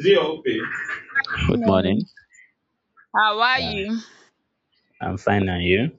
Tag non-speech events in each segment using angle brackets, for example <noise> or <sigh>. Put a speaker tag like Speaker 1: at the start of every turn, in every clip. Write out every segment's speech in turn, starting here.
Speaker 1: Zio, okay.
Speaker 2: Good
Speaker 1: Good
Speaker 2: morning.
Speaker 1: morning.
Speaker 2: How are
Speaker 1: Yeah,
Speaker 2: you?
Speaker 1: I'm fine, and you?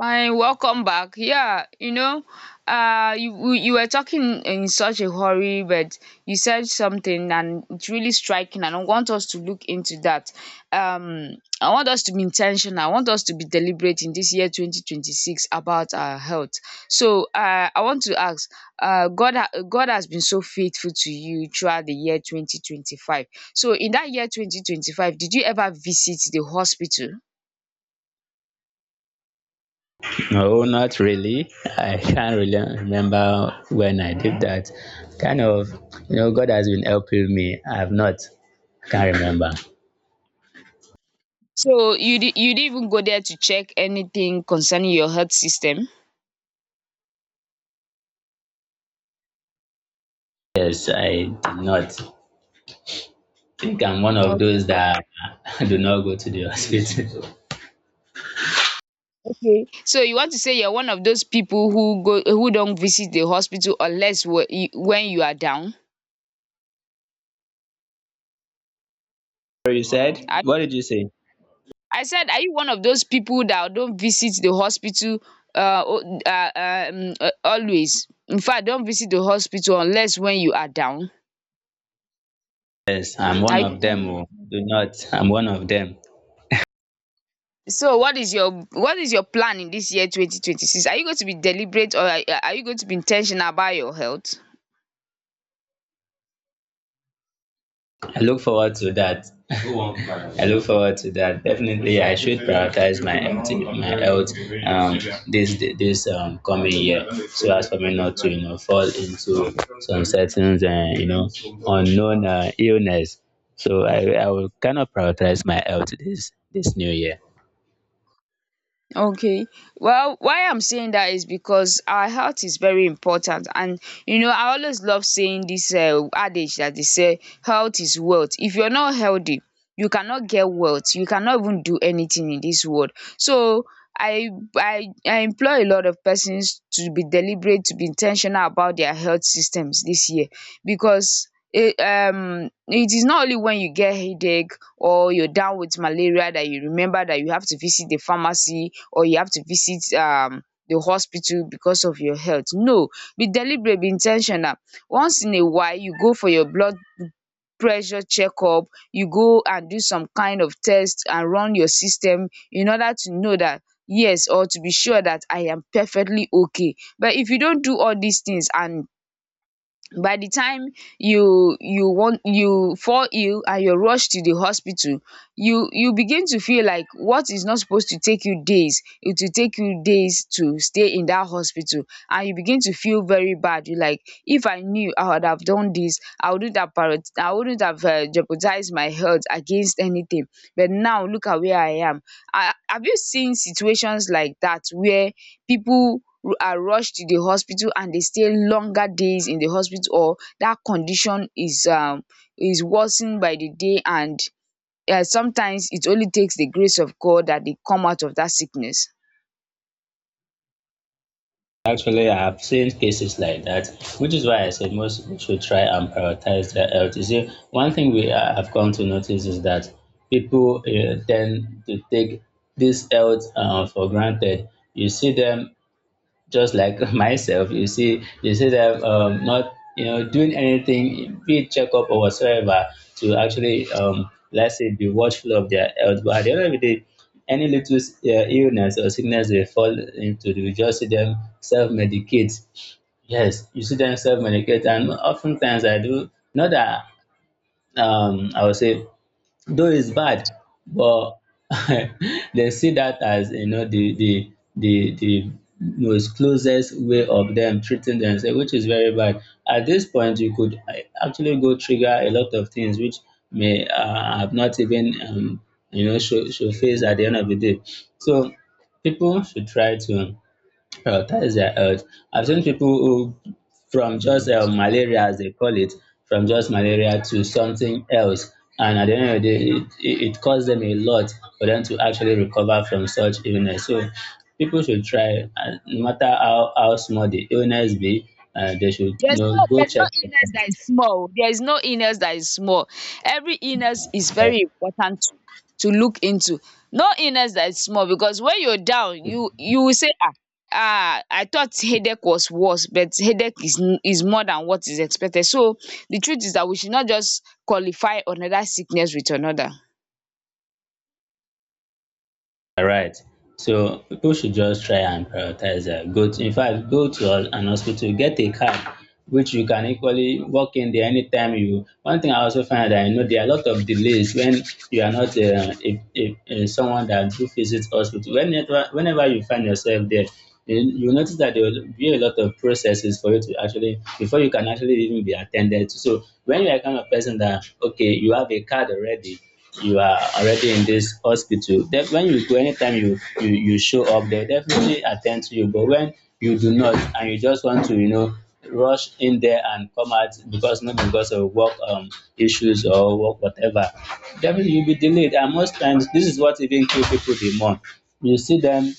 Speaker 2: Fine. Welcome back. Yeah, you know, you were talking in such a hurry, but you said something, and it's really striking. And I want us to look into that. I want us to be intentional. I want us to be deliberate in this year, 2026, about our health. So, I want to ask, God, God has been so faithful to you throughout the year 2025. So, in that year 2025, did you ever visit the hospital?
Speaker 1: No, not really. I can't really remember when I did that. Kind of, God has been helping me. I've not. I can't remember.
Speaker 2: So you didn't even go there to check anything concerning your health system?
Speaker 1: Yes, I did not. I think I'm one of those that <laughs> do not go to the hospital. <laughs>
Speaker 2: Okay. So you want to say you're one of those people who don't visit the hospital unless when you are down?
Speaker 1: So you said?
Speaker 2: I,
Speaker 1: What did you say?
Speaker 2: I said, are you one of those people that don't visit the hospital always? In fact, don't visit the hospital unless when you are down.
Speaker 1: Yes, I'm one
Speaker 2: Are you
Speaker 1: of
Speaker 2: one?
Speaker 1: them. Oh, do not. I'm one of them.
Speaker 2: So what is your plan in this year 2026? Are you going to be deliberate or are you going to be intentional about your health?
Speaker 1: I look forward to that. <laughs> I look forward to that. Definitely, I should prioritize my health um this coming year, so as for me not to fall into some certain unknown illness. So I will kind of prioritize my health this new year.
Speaker 2: Okay. Well, why I'm saying that is because our health is very important, and you know I always love saying this adage that they say health is wealth. If you're not healthy you cannot get wealth, you cannot even do anything in this world. So I I employ a lot of persons to be deliberate, to be intentional about their health systems this year, because it is not only when you get headache or you're down with malaria that you remember that you have to visit the pharmacy or you have to visit the hospital because of your health. No, be deliberate, be in ten tional. Once in a while, you go for your blood pressure checkup, you go and do some kind of test and run your system in order to know that, yes, or to be sure that I am perfectly okay. But if you don't do all these things, and by the time you fall ill and you rush to the hospital, you begin to feel like what is not supposed to take you days, it will take you days to stay in that hospital. And you begin to feel very bad. You like, if I knew, I would have done this, I wouldn't have jeopardized my health against anything, but now look at where I am. Have you seen situations like that where people are rushed to the hospital and they stay longer days in the hospital, or that condition is worsened by the day, and sometimes it only takes the grace of God that they come out of that sickness?
Speaker 1: Actually, I've seen cases like that, which is why I said most people should try and prioritize their health. You see, one thing we have come to notice is that people tend to take this health for granted. You see them just like <laughs> myself, you see them not doing anything, be it checkup or whatsoever, to actually, let's say, be watchful of their health. But at the end of the day, any little illness or sickness they fall into, you just see them self-medicate. Yes, you see them self-medicate. And oftentimes I do not that, I would say though it's bad, but <laughs> they see that as the most closest way of them treating themselves, which is very bad. At this point, you could actually go trigger a lot of things which may have not even show face at the end of the day. So people should try to, well, that is their health. I've seen people who, from just malaria, as they call it, from just malaria to something else. And at the end of the day, it costs them a lot for them to actually recover from such illness. So people should try, no matter how small the illness be, they should,
Speaker 2: There's no
Speaker 1: go
Speaker 2: there's no
Speaker 1: check up.
Speaker 2: illness that is small. There is no illness that is small. Every illness is very important to look into. No illness that is small, because when you're down, you will say, ah, I thought headache was worse, but headache is more than what is expected. So the truth is that we should not just qualify another sickness with another.
Speaker 1: All right. So people should just try and prioritize that. Go to, in fact, an hospital, get a card, which you can equally walk in there anytime you. One thing I also find that I know there are a lot of delays when you are not someone that do visit hospital. Whenever, you find yourself there, you you notice that there will be a lot of processes for you to actually before you can actually even be attended to. So when you are kind of person that, okay, you have a card already, you are already in this hospital, then when you go anytime you you show up, they definitely attend to you. But when you do not and you just want to rush in there and come out, because not because of work issues or work whatever, definitely you'll be delayed. And most times this is what even kill people the more. You see them,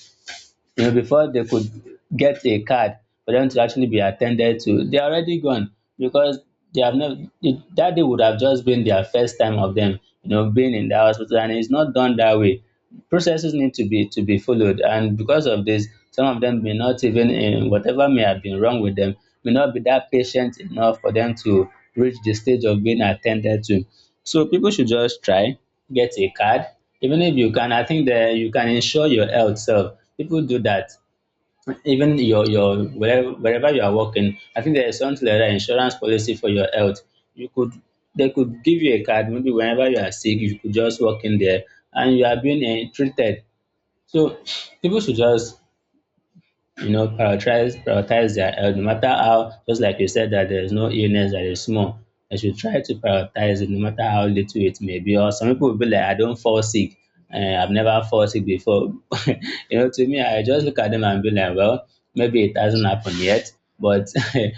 Speaker 1: before they could get a card for them to actually be attended to, they're already gone. Because they have never, it, that day would have just been their first time of them, being in the hospital, and it's not done that way. Processes need to be followed. And because of this, some of them may not even, in whatever may have been wrong with them, may not be that patient enough for them to reach the stage of being attended to. So people should just try, get a card. Even if you can, I think that you can insure your health self. People do that. Even your wherever you are working, I think there is something like that insurance policy for your health. You could, they could give you a card. Maybe whenever you are sick, you could just walk in there and you are being treated. So people should just, prioritize their health. No matter how, just like you said, that there is no illness that is small, they should try to prioritize it no matter how little it may be. Or some people will be like, I don't fall sick, I've never fall sick before. <laughs> You know, to me, I just look at them and be like, well, maybe it hasn't happened yet. But <laughs>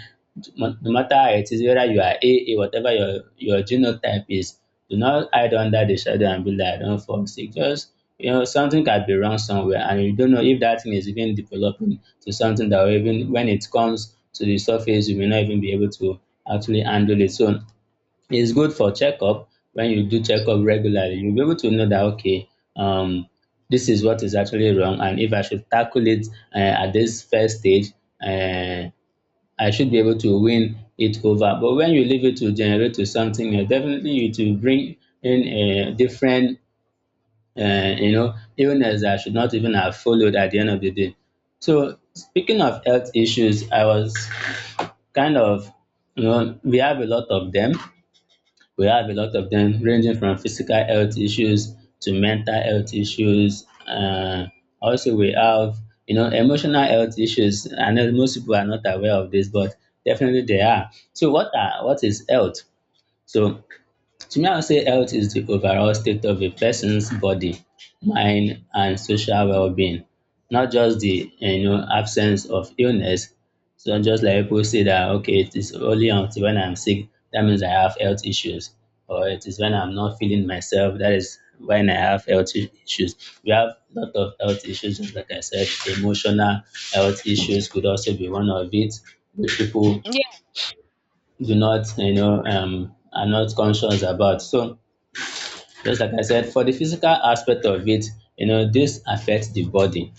Speaker 1: no, no matter how it is, whether you are AA, whatever your genotype is, do not hide under the shadow and be like, don't fall sick. Just, something can be wrong somewhere, and you don't know if that thing is even developing to something that will, even when it comes to the surface, you may not even be able to actually handle it. So it's good for checkup. When you do checkup regularly, you'll be able to know that, okay, um, this is what is actually wrong, and if I should tackle it at this first stage. Uh, I should be able to win it over. But when you leave it to generate to something else, definitely it will bring in a different, illness that I should not even have followed at the end of the day. So speaking of health issues, I was kind of, we have a lot of them. We have a lot of them ranging from physical health issues to mental health issues. Also, we have emotional health issues. I know most people are not aware of this, but definitely they are. So, what is health? So to me, I would say health is the overall state of a person's body, mind, and social well-being, not just the absence of illness. So just like people say that, okay, it is only until when I'm sick that means I have health issues, or it is when I'm not feeling myself that is when I have health issues. We have a lot of health issues, just like I said, emotional health issues could also be one of it, which people
Speaker 2: Yeah.
Speaker 1: do not are not conscious about. So just like I said, for the physical aspect of it, this affects the body.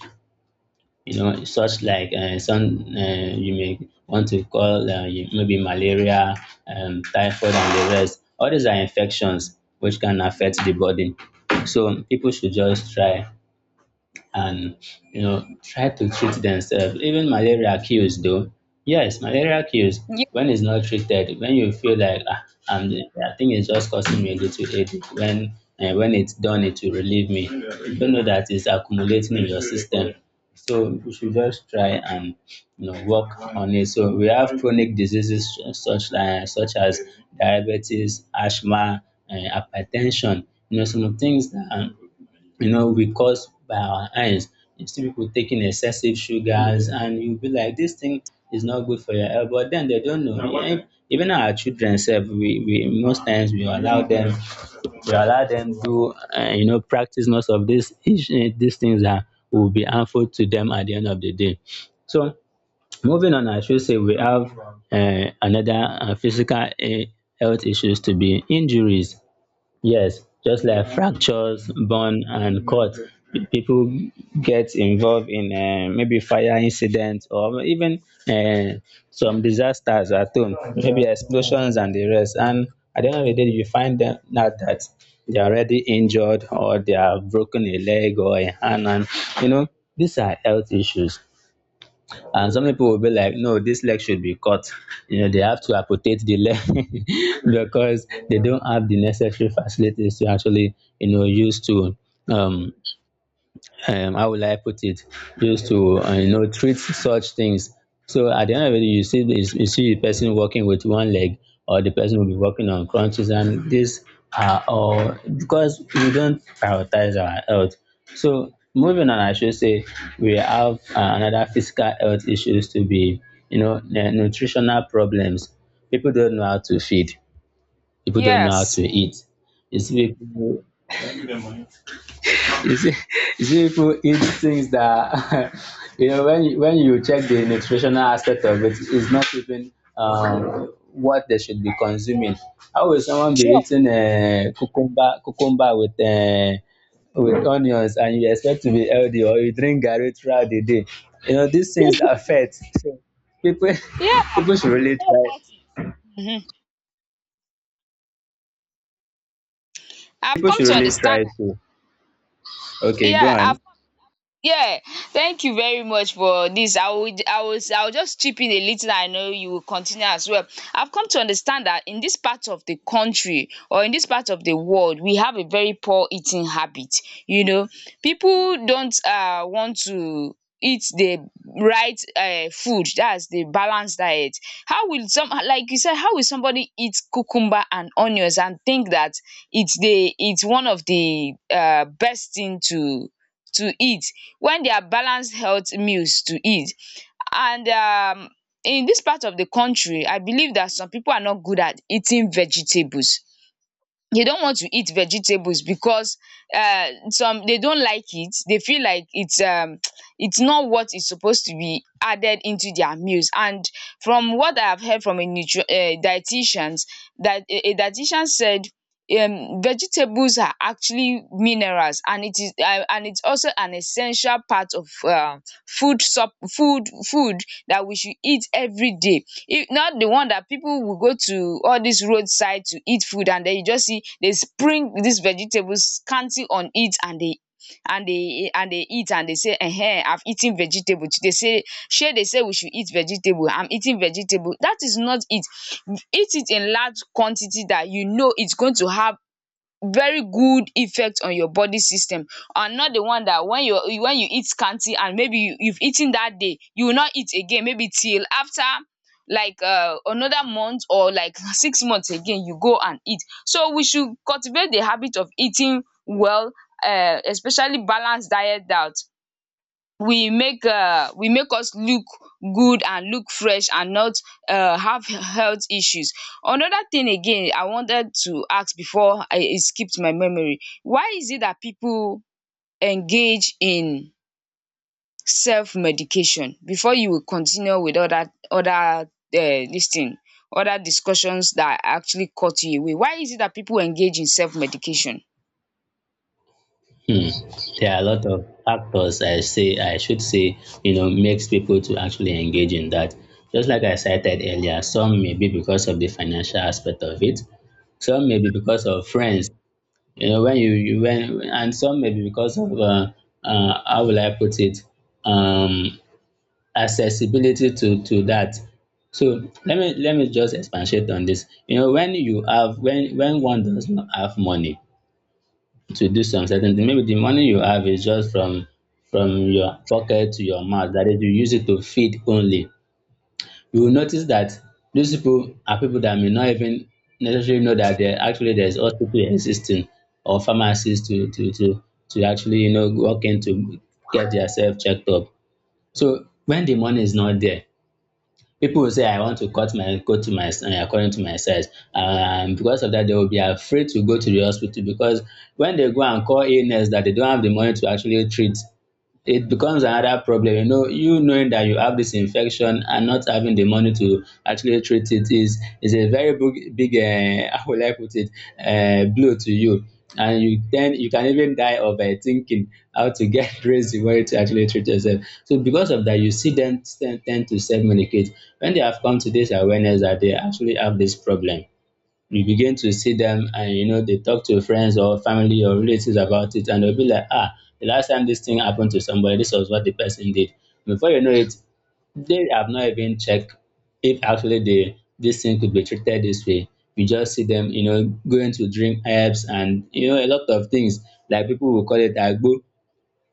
Speaker 1: You know, such like some you may want to call maybe malaria, typhoid, and the rest. All these are infections which can affect the body. So people should just try and try to treat themselves. Even malaria kills though. Yes, malaria kills
Speaker 2: Ye-
Speaker 1: when it's not treated. When you feel like, I think it's just causing me a little headache. When and when it's done, it will relieve me. You don't know that it's accumulating in your system. So we should just try and work on it. So we have chronic diseases such as diabetes, asthma, and hypertension. You know, some things that, we cause by our eyes. You see people taking excessive sugars, and you'll be like, this thing is not good for your health. But then they don't know. Even, our children self, we most times we allow them do, practice most of this these things that will be harmful to them at the end of the day. So moving on, I should say we have another physical health issues to be injuries. Yes, just like fractures, burn, and cut, people get involved in maybe fire incidents or even uh, some disasters at home, maybe explosions and the rest. And at the end of the day, you find them out that they are already injured or they have broken a leg or a hand. And, you know, these are health issues. And some people will be like, no, this leg should be cut. You know, they have to amputate the leg, <laughs> because they don't have the necessary facilities to actually use to, um how will I put it, just to treat such things. So at the end of it, you see the person walking with one leg, or the person will be walking on crutches, and these are all because we don't prioritize our health. So moving on, I should say we have another physical health issues to be the nutritional problems. People don't know how to feed. People don't know how to
Speaker 2: yes.
Speaker 1: eat. It's people, you see, <laughs> you see people eat things that, <laughs> when you check the nutritional aspect of it, it's not even what they should be consuming. How will someone be
Speaker 2: Sure.
Speaker 1: eating a cucumber with onions and you expect to be healthy, or you drink garri throughout the day? You know these things affect. So people <laughs>
Speaker 2: Yeah.
Speaker 1: people should
Speaker 2: It's
Speaker 1: really
Speaker 2: not
Speaker 1: try.
Speaker 2: worth it. Mhm. I've
Speaker 1: People
Speaker 2: come
Speaker 1: should
Speaker 2: to
Speaker 1: really
Speaker 2: understand.
Speaker 1: try to. Okay, go
Speaker 2: Yeah.
Speaker 1: on.
Speaker 2: I've Yeah, thank you very much for this. I would I was I will just chip in a little. I know you will continue as well. I've come to understand that in this part of the country, or in this part of the world, we have a very poor eating habit. You know, people don't want to eat the right food. That's the balanced diet. How will some Like you said, how will somebody eat cucumber and onions and think that it's one of the best thing to eat, when they are balanced health meals to eat? And in this part of the country, I believe that some people are not good at eating vegetables. They don't want to eat vegetables because some, they don't like it. They feel like it's <tsk> it's not what is supposed to be added into their meals. And from what I have heard from a nutri dietitians, that a dietitian said, vegetables are actually minerals, and it is and it's also an essential part of food sup food food that we should eat every day. If not, the one that people will go to all this roadside to eat food, and then you just see they spring these vegetables scanty on it, and they eat and they say, "Eh, I've eaten vegetable today." Say, shey they say we should eat vegetable. I'm eating vegetable. That is not it. Eat it in large quantity, that you know it's going to have very good effect on your body system, and not the one that when you eat scanty, and maybe you've eaten that day you will not eat again maybe till after like another month, or like <laughs> 6 months again you go and eat. So we should cultivate the habit of eating well, especially balanced diet, that we make us look good and look fresh, and not have health issues. Another thing again I wanted to ask before I it skipped my memory: why is it that people engage in self medication? Before you will continue with dis thing other discussions that actually cut you away, why is it that people engage in self medication?
Speaker 1: Hmm. There are a lot of factors, I should say, you know, makes people to actually engage in that. Just like I cited earlier, some may be because of the financial aspect of it, some may be because of friends. You know, when you when and Some may be because of how will I put it, um, accessibility to that. So let me just expatiate on this. You know, when you have when one does not have money to do some certain thing. Maybe the money you have is just from your pocket to your mouth, that is, you use it to feed only. You will notice that these people are people that may not even necessarily know that there's hospital existing or pharmacies to actually, you know, walk in to get yourself checked up. So when the money is not there, people will say, I want to cut my go to my according to my size. And because of that, they will be afraid to go to the hospital, because when they go and call illness that they don't have the money to actually treat, it becomes another problem. You know, you knowing that you have this infection and not having the money to actually treat it is a very big, big <laughs> how will I put it, blow to you. And you then, you can even die of thinking how to get <laughs> raise the money to actually treat yourself. So because of that, you see them tend to self medicate. When they have come to this awareness that they actually have this problem, you begin to see them, and, you know, they talk to friends or family or relatives about it, and they'll be like, ah, the last time this thing happened to somebody, this was what the person did. Before you know it, they have not even checked if actually the this thing could be treated this way. You just see them, you know, going to drink herbs and, you know, a lot of things like people will call it agbo.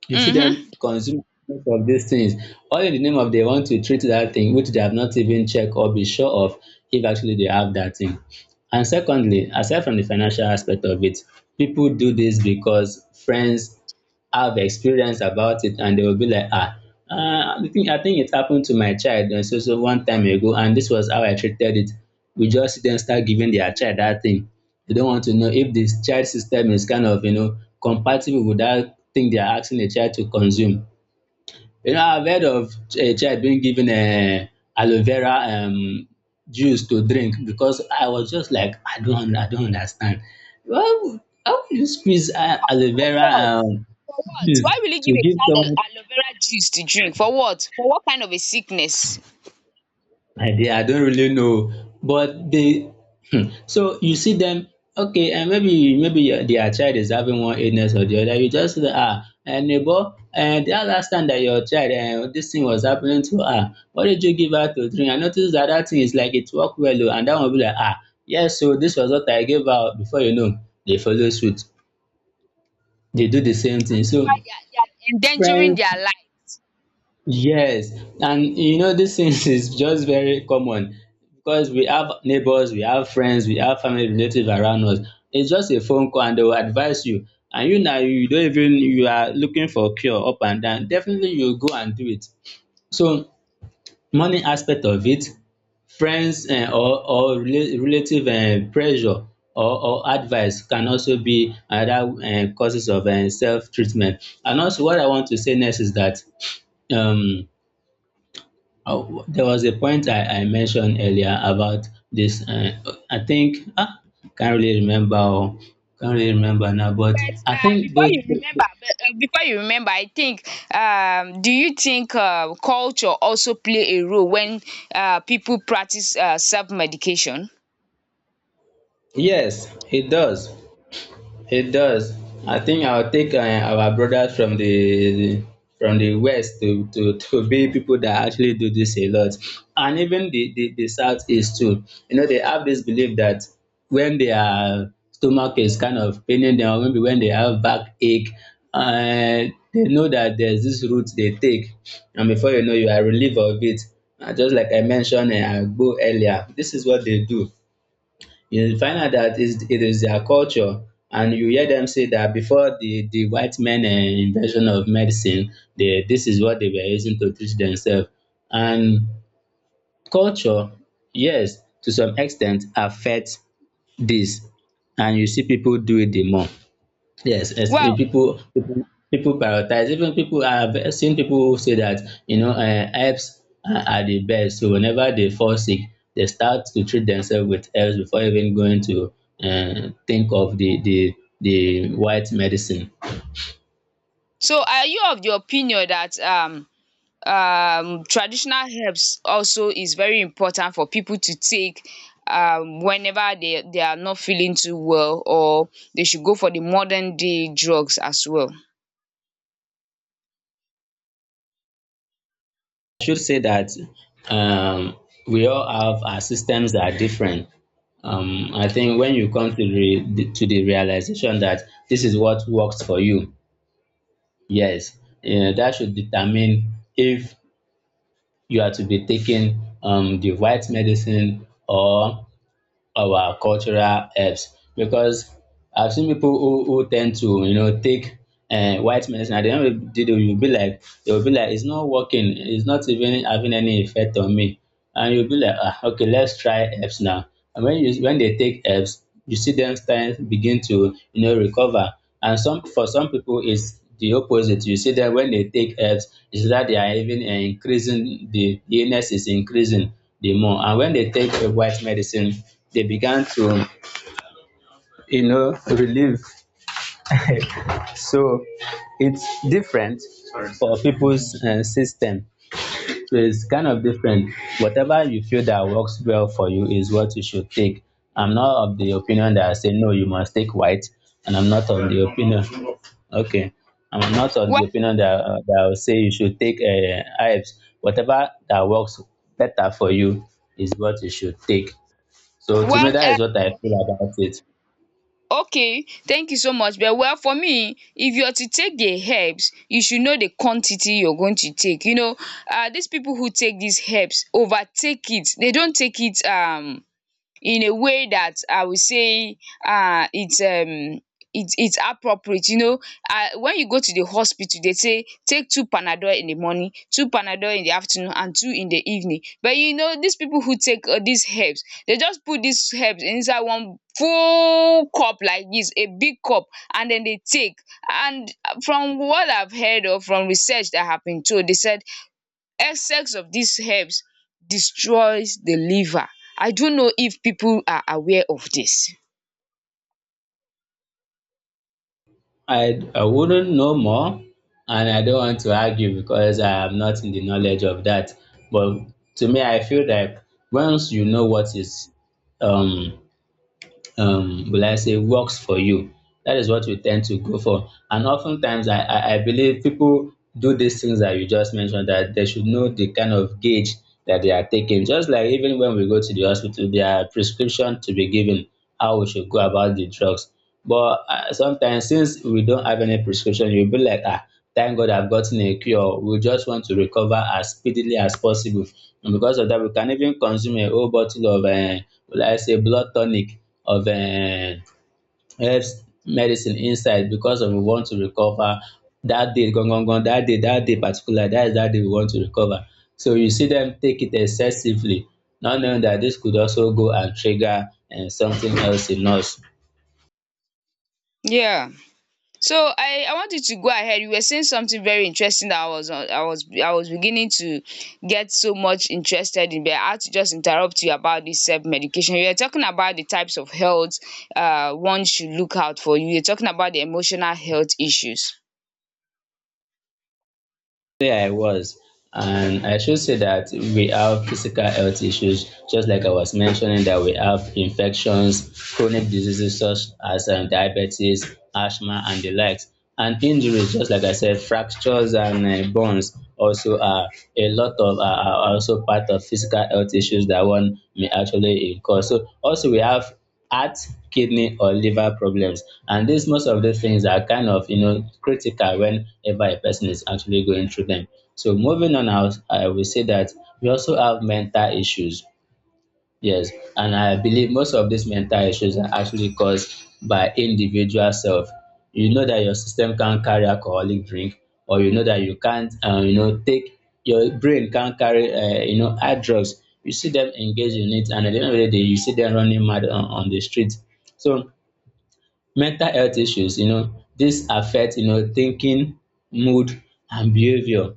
Speaker 1: You see them consume of these things, all in the name of they want to treat that thing, which they have not even checked or be sure of if actually they have that thing. And secondly, aside from the financial aspect of it, people do this because friends have experience about it, and they will be like, ah, I think it happened to my child and so so one time ago, and this was how I treated it. We just then start giving their child that thing. They don't want to know if this child system is kind of, you know, compatible with that thing they are asking the child to consume. You know, I've heard of a child being given a aloe vera juice to drink. Because I was just like, I don't understand. Why, how would you squeeze aloe
Speaker 2: um
Speaker 1: vera
Speaker 2: For what?
Speaker 1: juice
Speaker 2: Why will you give
Speaker 1: to
Speaker 2: a
Speaker 1: give
Speaker 2: child
Speaker 1: someone?
Speaker 2: a aloe vera juice to drink? For what? For what kind of a sickness?
Speaker 1: I don't really know. But they, um, so you see them. Okay, um, maybe their child is having one illness or the other, you just see, um, neighbor, um, that last time that your child, um, this thing was happening to her, what did you give her to drink? I noticed that that thing is like it work well oo. And that one will be like, um, yes oo, this was what I gave her oo. Before you know, they follow suit, they do the same thing.
Speaker 2: And meanwhile,
Speaker 1: So
Speaker 2: they are endangering
Speaker 1: friends.
Speaker 2: their life.
Speaker 1: Yes, and you know these things <laughs> is just very common, because we have neighbors, we have friends, we have family relatives around us. It's just a phone call and they will advise you. And you now, you don't even, you are looking for cure up and down. Definitely you go and do it. So money aspect of it, friends, um, or relative pressure or advice can also be another causes of self treatment. And also what I want to say next is that, um, oh, there was a point I mentioned earlier about this. I think, ah, can't really remember. Oh, can't really remember now, but
Speaker 2: But
Speaker 1: I think
Speaker 2: before
Speaker 1: those.
Speaker 2: you remember, but, before you remember, I think. Do you think culture also play a role when people practice self medication?
Speaker 1: Yes, it does. It does. I think I'll take our brothers from the west to, <laughs> to be people that actually do this a lot. And even the southeast too. You know, they have this belief that when their stomach is kind of paining them, or maybe when they have backache, they know that there's this route they take. And before you know, you are relieved of it. Just like I mentioned Agbo earlier, this is what they do. You find out that is it is their culture, and you hear them say that before the white men invention of medicine, they, this is what they were using to treat themselves. And culture, yes, to some extent affects this, and you see people do it the more. Yes, yes. Eh,
Speaker 2: Well,
Speaker 1: People prioritize. Even people, I've seen people say that, you know, herbs are the best. So whenever they fall sick, they start to treat themselves with herbs before even going to think of the the white medicine.
Speaker 2: so are you of the opinion that traditional herbs also is very important for people to take whenever they are not feeling too well, or they should go for the modern day drugs as well?
Speaker 1: I should say that, um, we all have, our systems are different. I think when you come to the realization that this is what works for you, yes, eh, that should determine if you are to be taking, the right medicine or our cultural herbs. Because I've seen people who tend to, you know, take white medicine, at the end of the day they will be like, it's not working, it's not even having any effect on me. And you'll be like, ah, okay, let's try herbs now. And when you, when they take herbs, you see them start begin to, you know, recover. And some, for some people it's the opposite. You see that when they take herbs is that they are even, increasing, the illness is increasing the more. And when they take white medicine, they began to, you know, relieve. <laughs> So it's different for people's system. So it's kind of different. Whatever you feel that works well for you is what you should take. I'm not of the opinion that I say no, you must take white. And I'm not of the opinion, okay, I'm not of the
Speaker 2: Well
Speaker 1: opinion that, that I'll say you should take herbs. Whatever that works better for you is what you should take. So to me,
Speaker 2: well
Speaker 1: that
Speaker 2: um
Speaker 1: is what I feel about it.
Speaker 2: okay, thank you so much, but, well, for me, if you are to take the herbs you should know the quantity you're going to take. These people who take these herbs overtake it, they don't take it in a way that I will say um it's um it's appropriate. When you go to the hospital they say take two panadol in the morning, two panadol in the afternoon and two in the evening. But you know these people who take these herbs, they just put these herbs inside one full cup like this, a big cup, and then they take. And from what I've heard, or from research that have been told, they said excess of these herbs destroys the liver. I don't know if people are aware of this.
Speaker 1: I wouldn't know more, and I don't want to argue because I am not in the knowledge of that. But to me, I feel like once you know what is, um, will I say, works for you, that is what you tend to go for. And oftentimes, I believe people do these things that you just mentioned, that they should know the kind of gauge that they are taking. Just like even when we go to the hospital, there are prescription to be given how we should go about the drugs. But sometimes, since we don't have any prescription, you'll be like, ah, thank God I've gotten a cure. We just want to recover as speedily as possible. And because of that, we can even consume a whole bottle of, will I say, blood tonic of herbs medicine inside, because of we want to recover that day. Gone, gone, gone, that day, particular, that day we want to recover. So you see them take it excessively, not knowing that this could also go and trigger something else in us.
Speaker 2: Yeah. So I want you to go ahead. You were saying something very interesting that I was on- I was beginning to get so much interested in, but I had to just interrupt you about this self medication. You were talking about the types of health one should look out for. You were talking about the emotional health issues.
Speaker 1: Yeah, I was. And I should say that we have physical health issues, just like I was mentioning that we have infections, chronic diseases such as, diabetes, asthma, and the likes. And injuries, just like I said, fractures and bones also are, a lot of are also part of physical health issues that one may actually incur. So also we have heart, kidney or liver problems. And this, most of these things are kind of, you know, critical whenever a person is actually going through them. So moving on, out, I will say that we also have mental issues. Yes, and I believe most of these mental issues are actually caused by individual self. You know that your system can't carry alcoholic drink, or you know that you can't, take your brain can't carry, hard drugs. You see them engage in it, and at the end of the day, you see them running mad on the street. So mental health issues, you know, this affect, you know, thinking, mood, and behavior.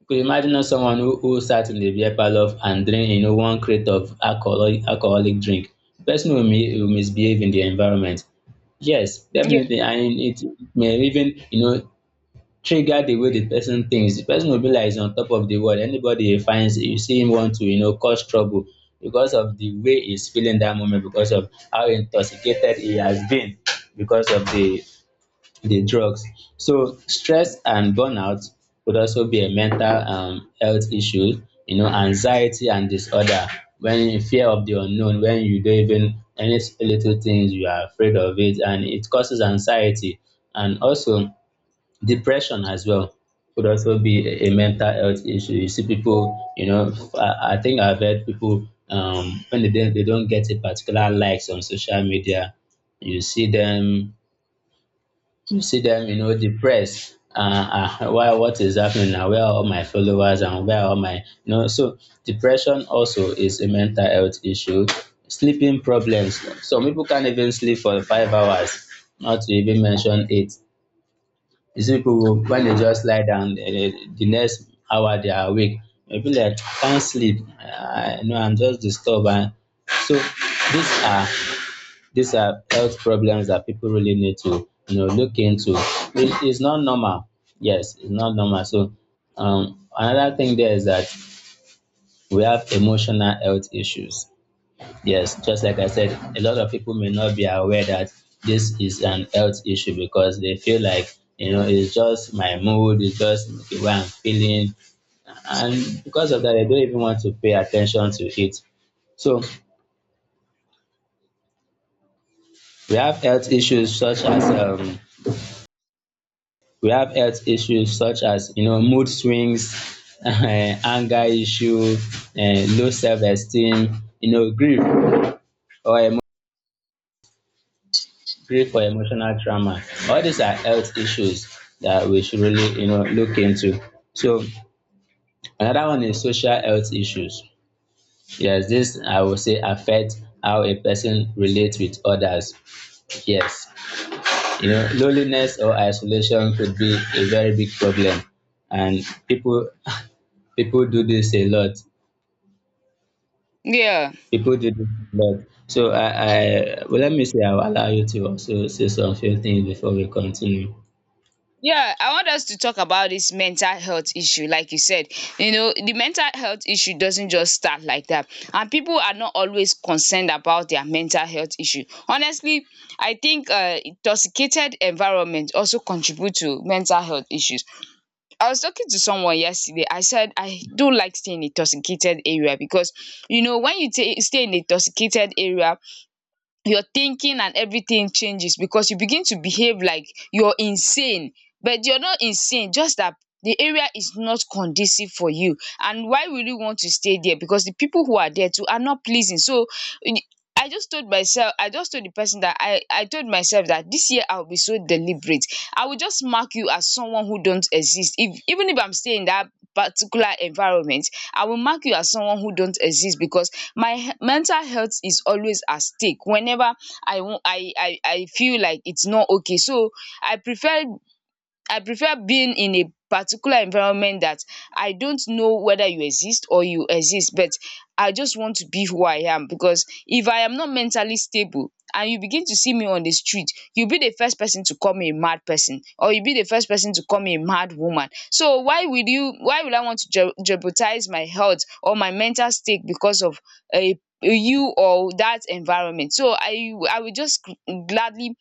Speaker 1: You could imagine us someone who sat in the beer parlor and drained you know one crate of alcoholic drink. The person will misbehave in the environment. Yes,
Speaker 2: Yeah.
Speaker 1: definitely, and it may even you know trigger the way the person thinks. The person will be like he's on top of the world. Anybody he finds, you see him want to you know cause trouble because of the way he's feeling that moment, because of how intoxicated he has been, because of the drugs. So stress and burnout could also be a mental health issue, you know, anxiety and disorder, when in fear of the unknown, when you don't even little things you are afraid of it, and it causes anxiety and also depression as well. Could also be a mental health issue. You see people, you know, I think I've heard people when they don't get a particular likes on social media, you see them you see them, you know, depressed. Why, what is happening now? Where are all my followers and where are all my, you know, so depression also is a mental health issue. Sleeping problems. Some people can't even sleep for 5 hours, not to even mention 8. You see people who, when they just lie down, the next hour they are awake. They feel like, can't sleep. I know I'm just disturbed. And so these are health problems that people really need to you know look into. It is not normal. Yes, it's not normal. So another thing there is that we have emotional health issues. Yes, just like I said, a lot of people may not be aware that this is an health issue because they feel like you know it's just my mood, it's just the way I'm feeling, and because of that they don't even want to pay attention to it. So we have health issues such as um we have health issues such as you know mood swings, <laughs> anger issue, low self-esteem, you know grief or emo- grief or emotional trauma. All these are health issues that we should really you know look into. So another one is social health issues. Yes, this I would say affect how a person relates with others. Yes, you know loneliness or isolation could be a very big problem, and people <laughs> people do this a lot
Speaker 2: Yeah.
Speaker 1: people do this a lot. So I well, let me say I'll allow you to also say some few things before we continue.
Speaker 2: Yeah, I want us to talk about this mental health issue, like you said. You know, the mental health issue doesn't just start like that, and people are not always concerned about their mental health issue. Honestly, I think intoxicated environment also contribute to mental health issues. I was talking to someone yesterday. I said I do like staying in intoxicated area because, you know, when you stay in a intoxicated area, your thinking and everything changes because you begin to behave like you're insane, but you're not insane, just that the area is not conducive for you. And why will you want to stay there, because the people who are there too are not pleasing? So I just told myself, I, just told the person, that I told myself, that this year I'll be so deliberate. I will just mark you as someone who don't exist. If even if I'm staying in that particular environment, I will mark you as someone who don't exist, because my mental health is always at stake whenever I want I feel like it's not okay. So I prefer I prefer being in a particular environment that I don't know whether you exist or you exist, but I just want to be who I am. Because if I am not mentally stable and you begin to see me on the street, you'll be the first person to call me a mad person, or you'll be the first person to call me a mad woman. So why will I want to je jeopardize my health or my mental state because of a you or that environment? So I will just gladly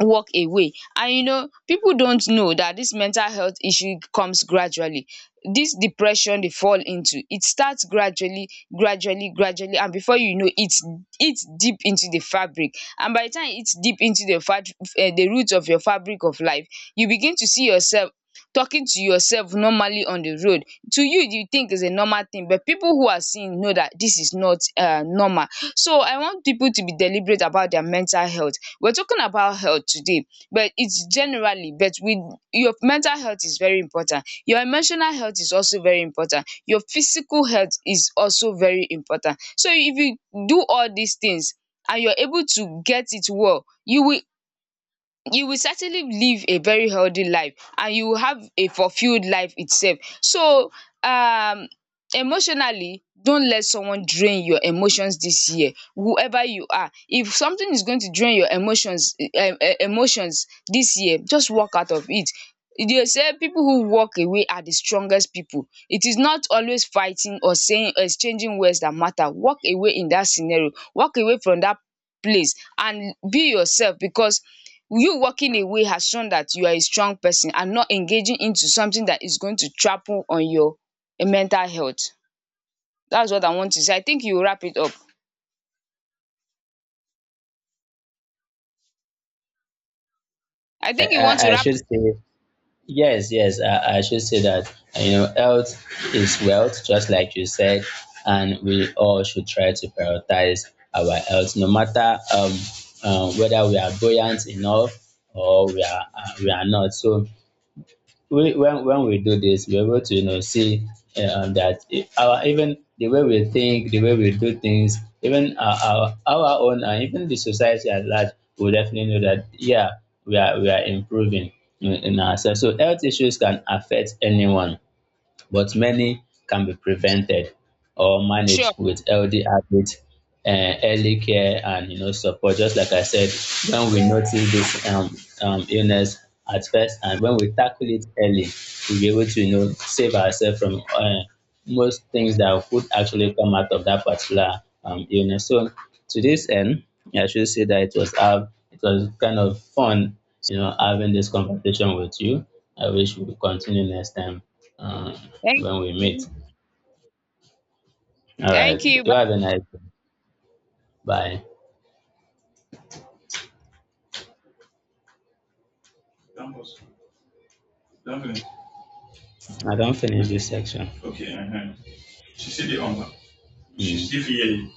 Speaker 2: walk away. And you know people don't know that this mental health issue comes gradually. This depression they fall into, it starts gradually, gradually, gradually, and before you know, it's deep into the fabric, and by the time it's deep into the fat the roots of your fabric of life, you begin to see yourself talking to yourself normally on the road. To you think is a normal thing, but people who are seeing know that this is not normal. So I want people to be deliberate about their mental health. We're talking about health today, but it's generally, but with your mental health is very important. Your emotional health is also very important. Your physical health is also very important. So if you do all these things and you're able to get it well, you will certainly live a very healthy life, and you will have a fulfilled life itself. So um emotionally, don't let someone drain your emotions this year, whoever you are. If something is going to drain your emotions this year, just walk out of it. They say people who walk away are the strongest people. It is not always fighting or saying exchanging words that matter. Walk away in that scenario, walk away from that place and be yourself, because you walking away has shown that you are a strong person and not engaging into something that is going to trample on your mental health. That's what I want to say. I think you wrap it up. I think you want to
Speaker 1: I
Speaker 2: wrap.
Speaker 1: should say, yes, yes, I should say that you know health is wealth, just like you said, and we all should try to prioritize our health, no matter whether we are buoyant enough or we are not. So we when we do this, we're able to you know see our even the way we think, the way we do things, even our own, and even the society at large, will definitely know that yeah, we are improving in ourselves. So health issues can affect anyone but many can be prevented or
Speaker 2: Sure.
Speaker 1: managed with healthy habits, early care, and you know support. Just like I said, when we notice this illness at first, and when we tackle it early, we'll be able to you know save ourselves from most things that could actually come out of that particular illness. So to this end, I should say that it was kind of fun, you know, having this conversation with you. I wish we could continue next time uh,
Speaker 2: Thank
Speaker 1: when we meet.
Speaker 2: you.
Speaker 1: All right.
Speaker 2: Thank you.
Speaker 1: Do
Speaker 2: Bye.
Speaker 1: have a nice day. Bye. That don't was- I don't finish this section. Okay. Uh-huh. She's still on. She's Mm. still here.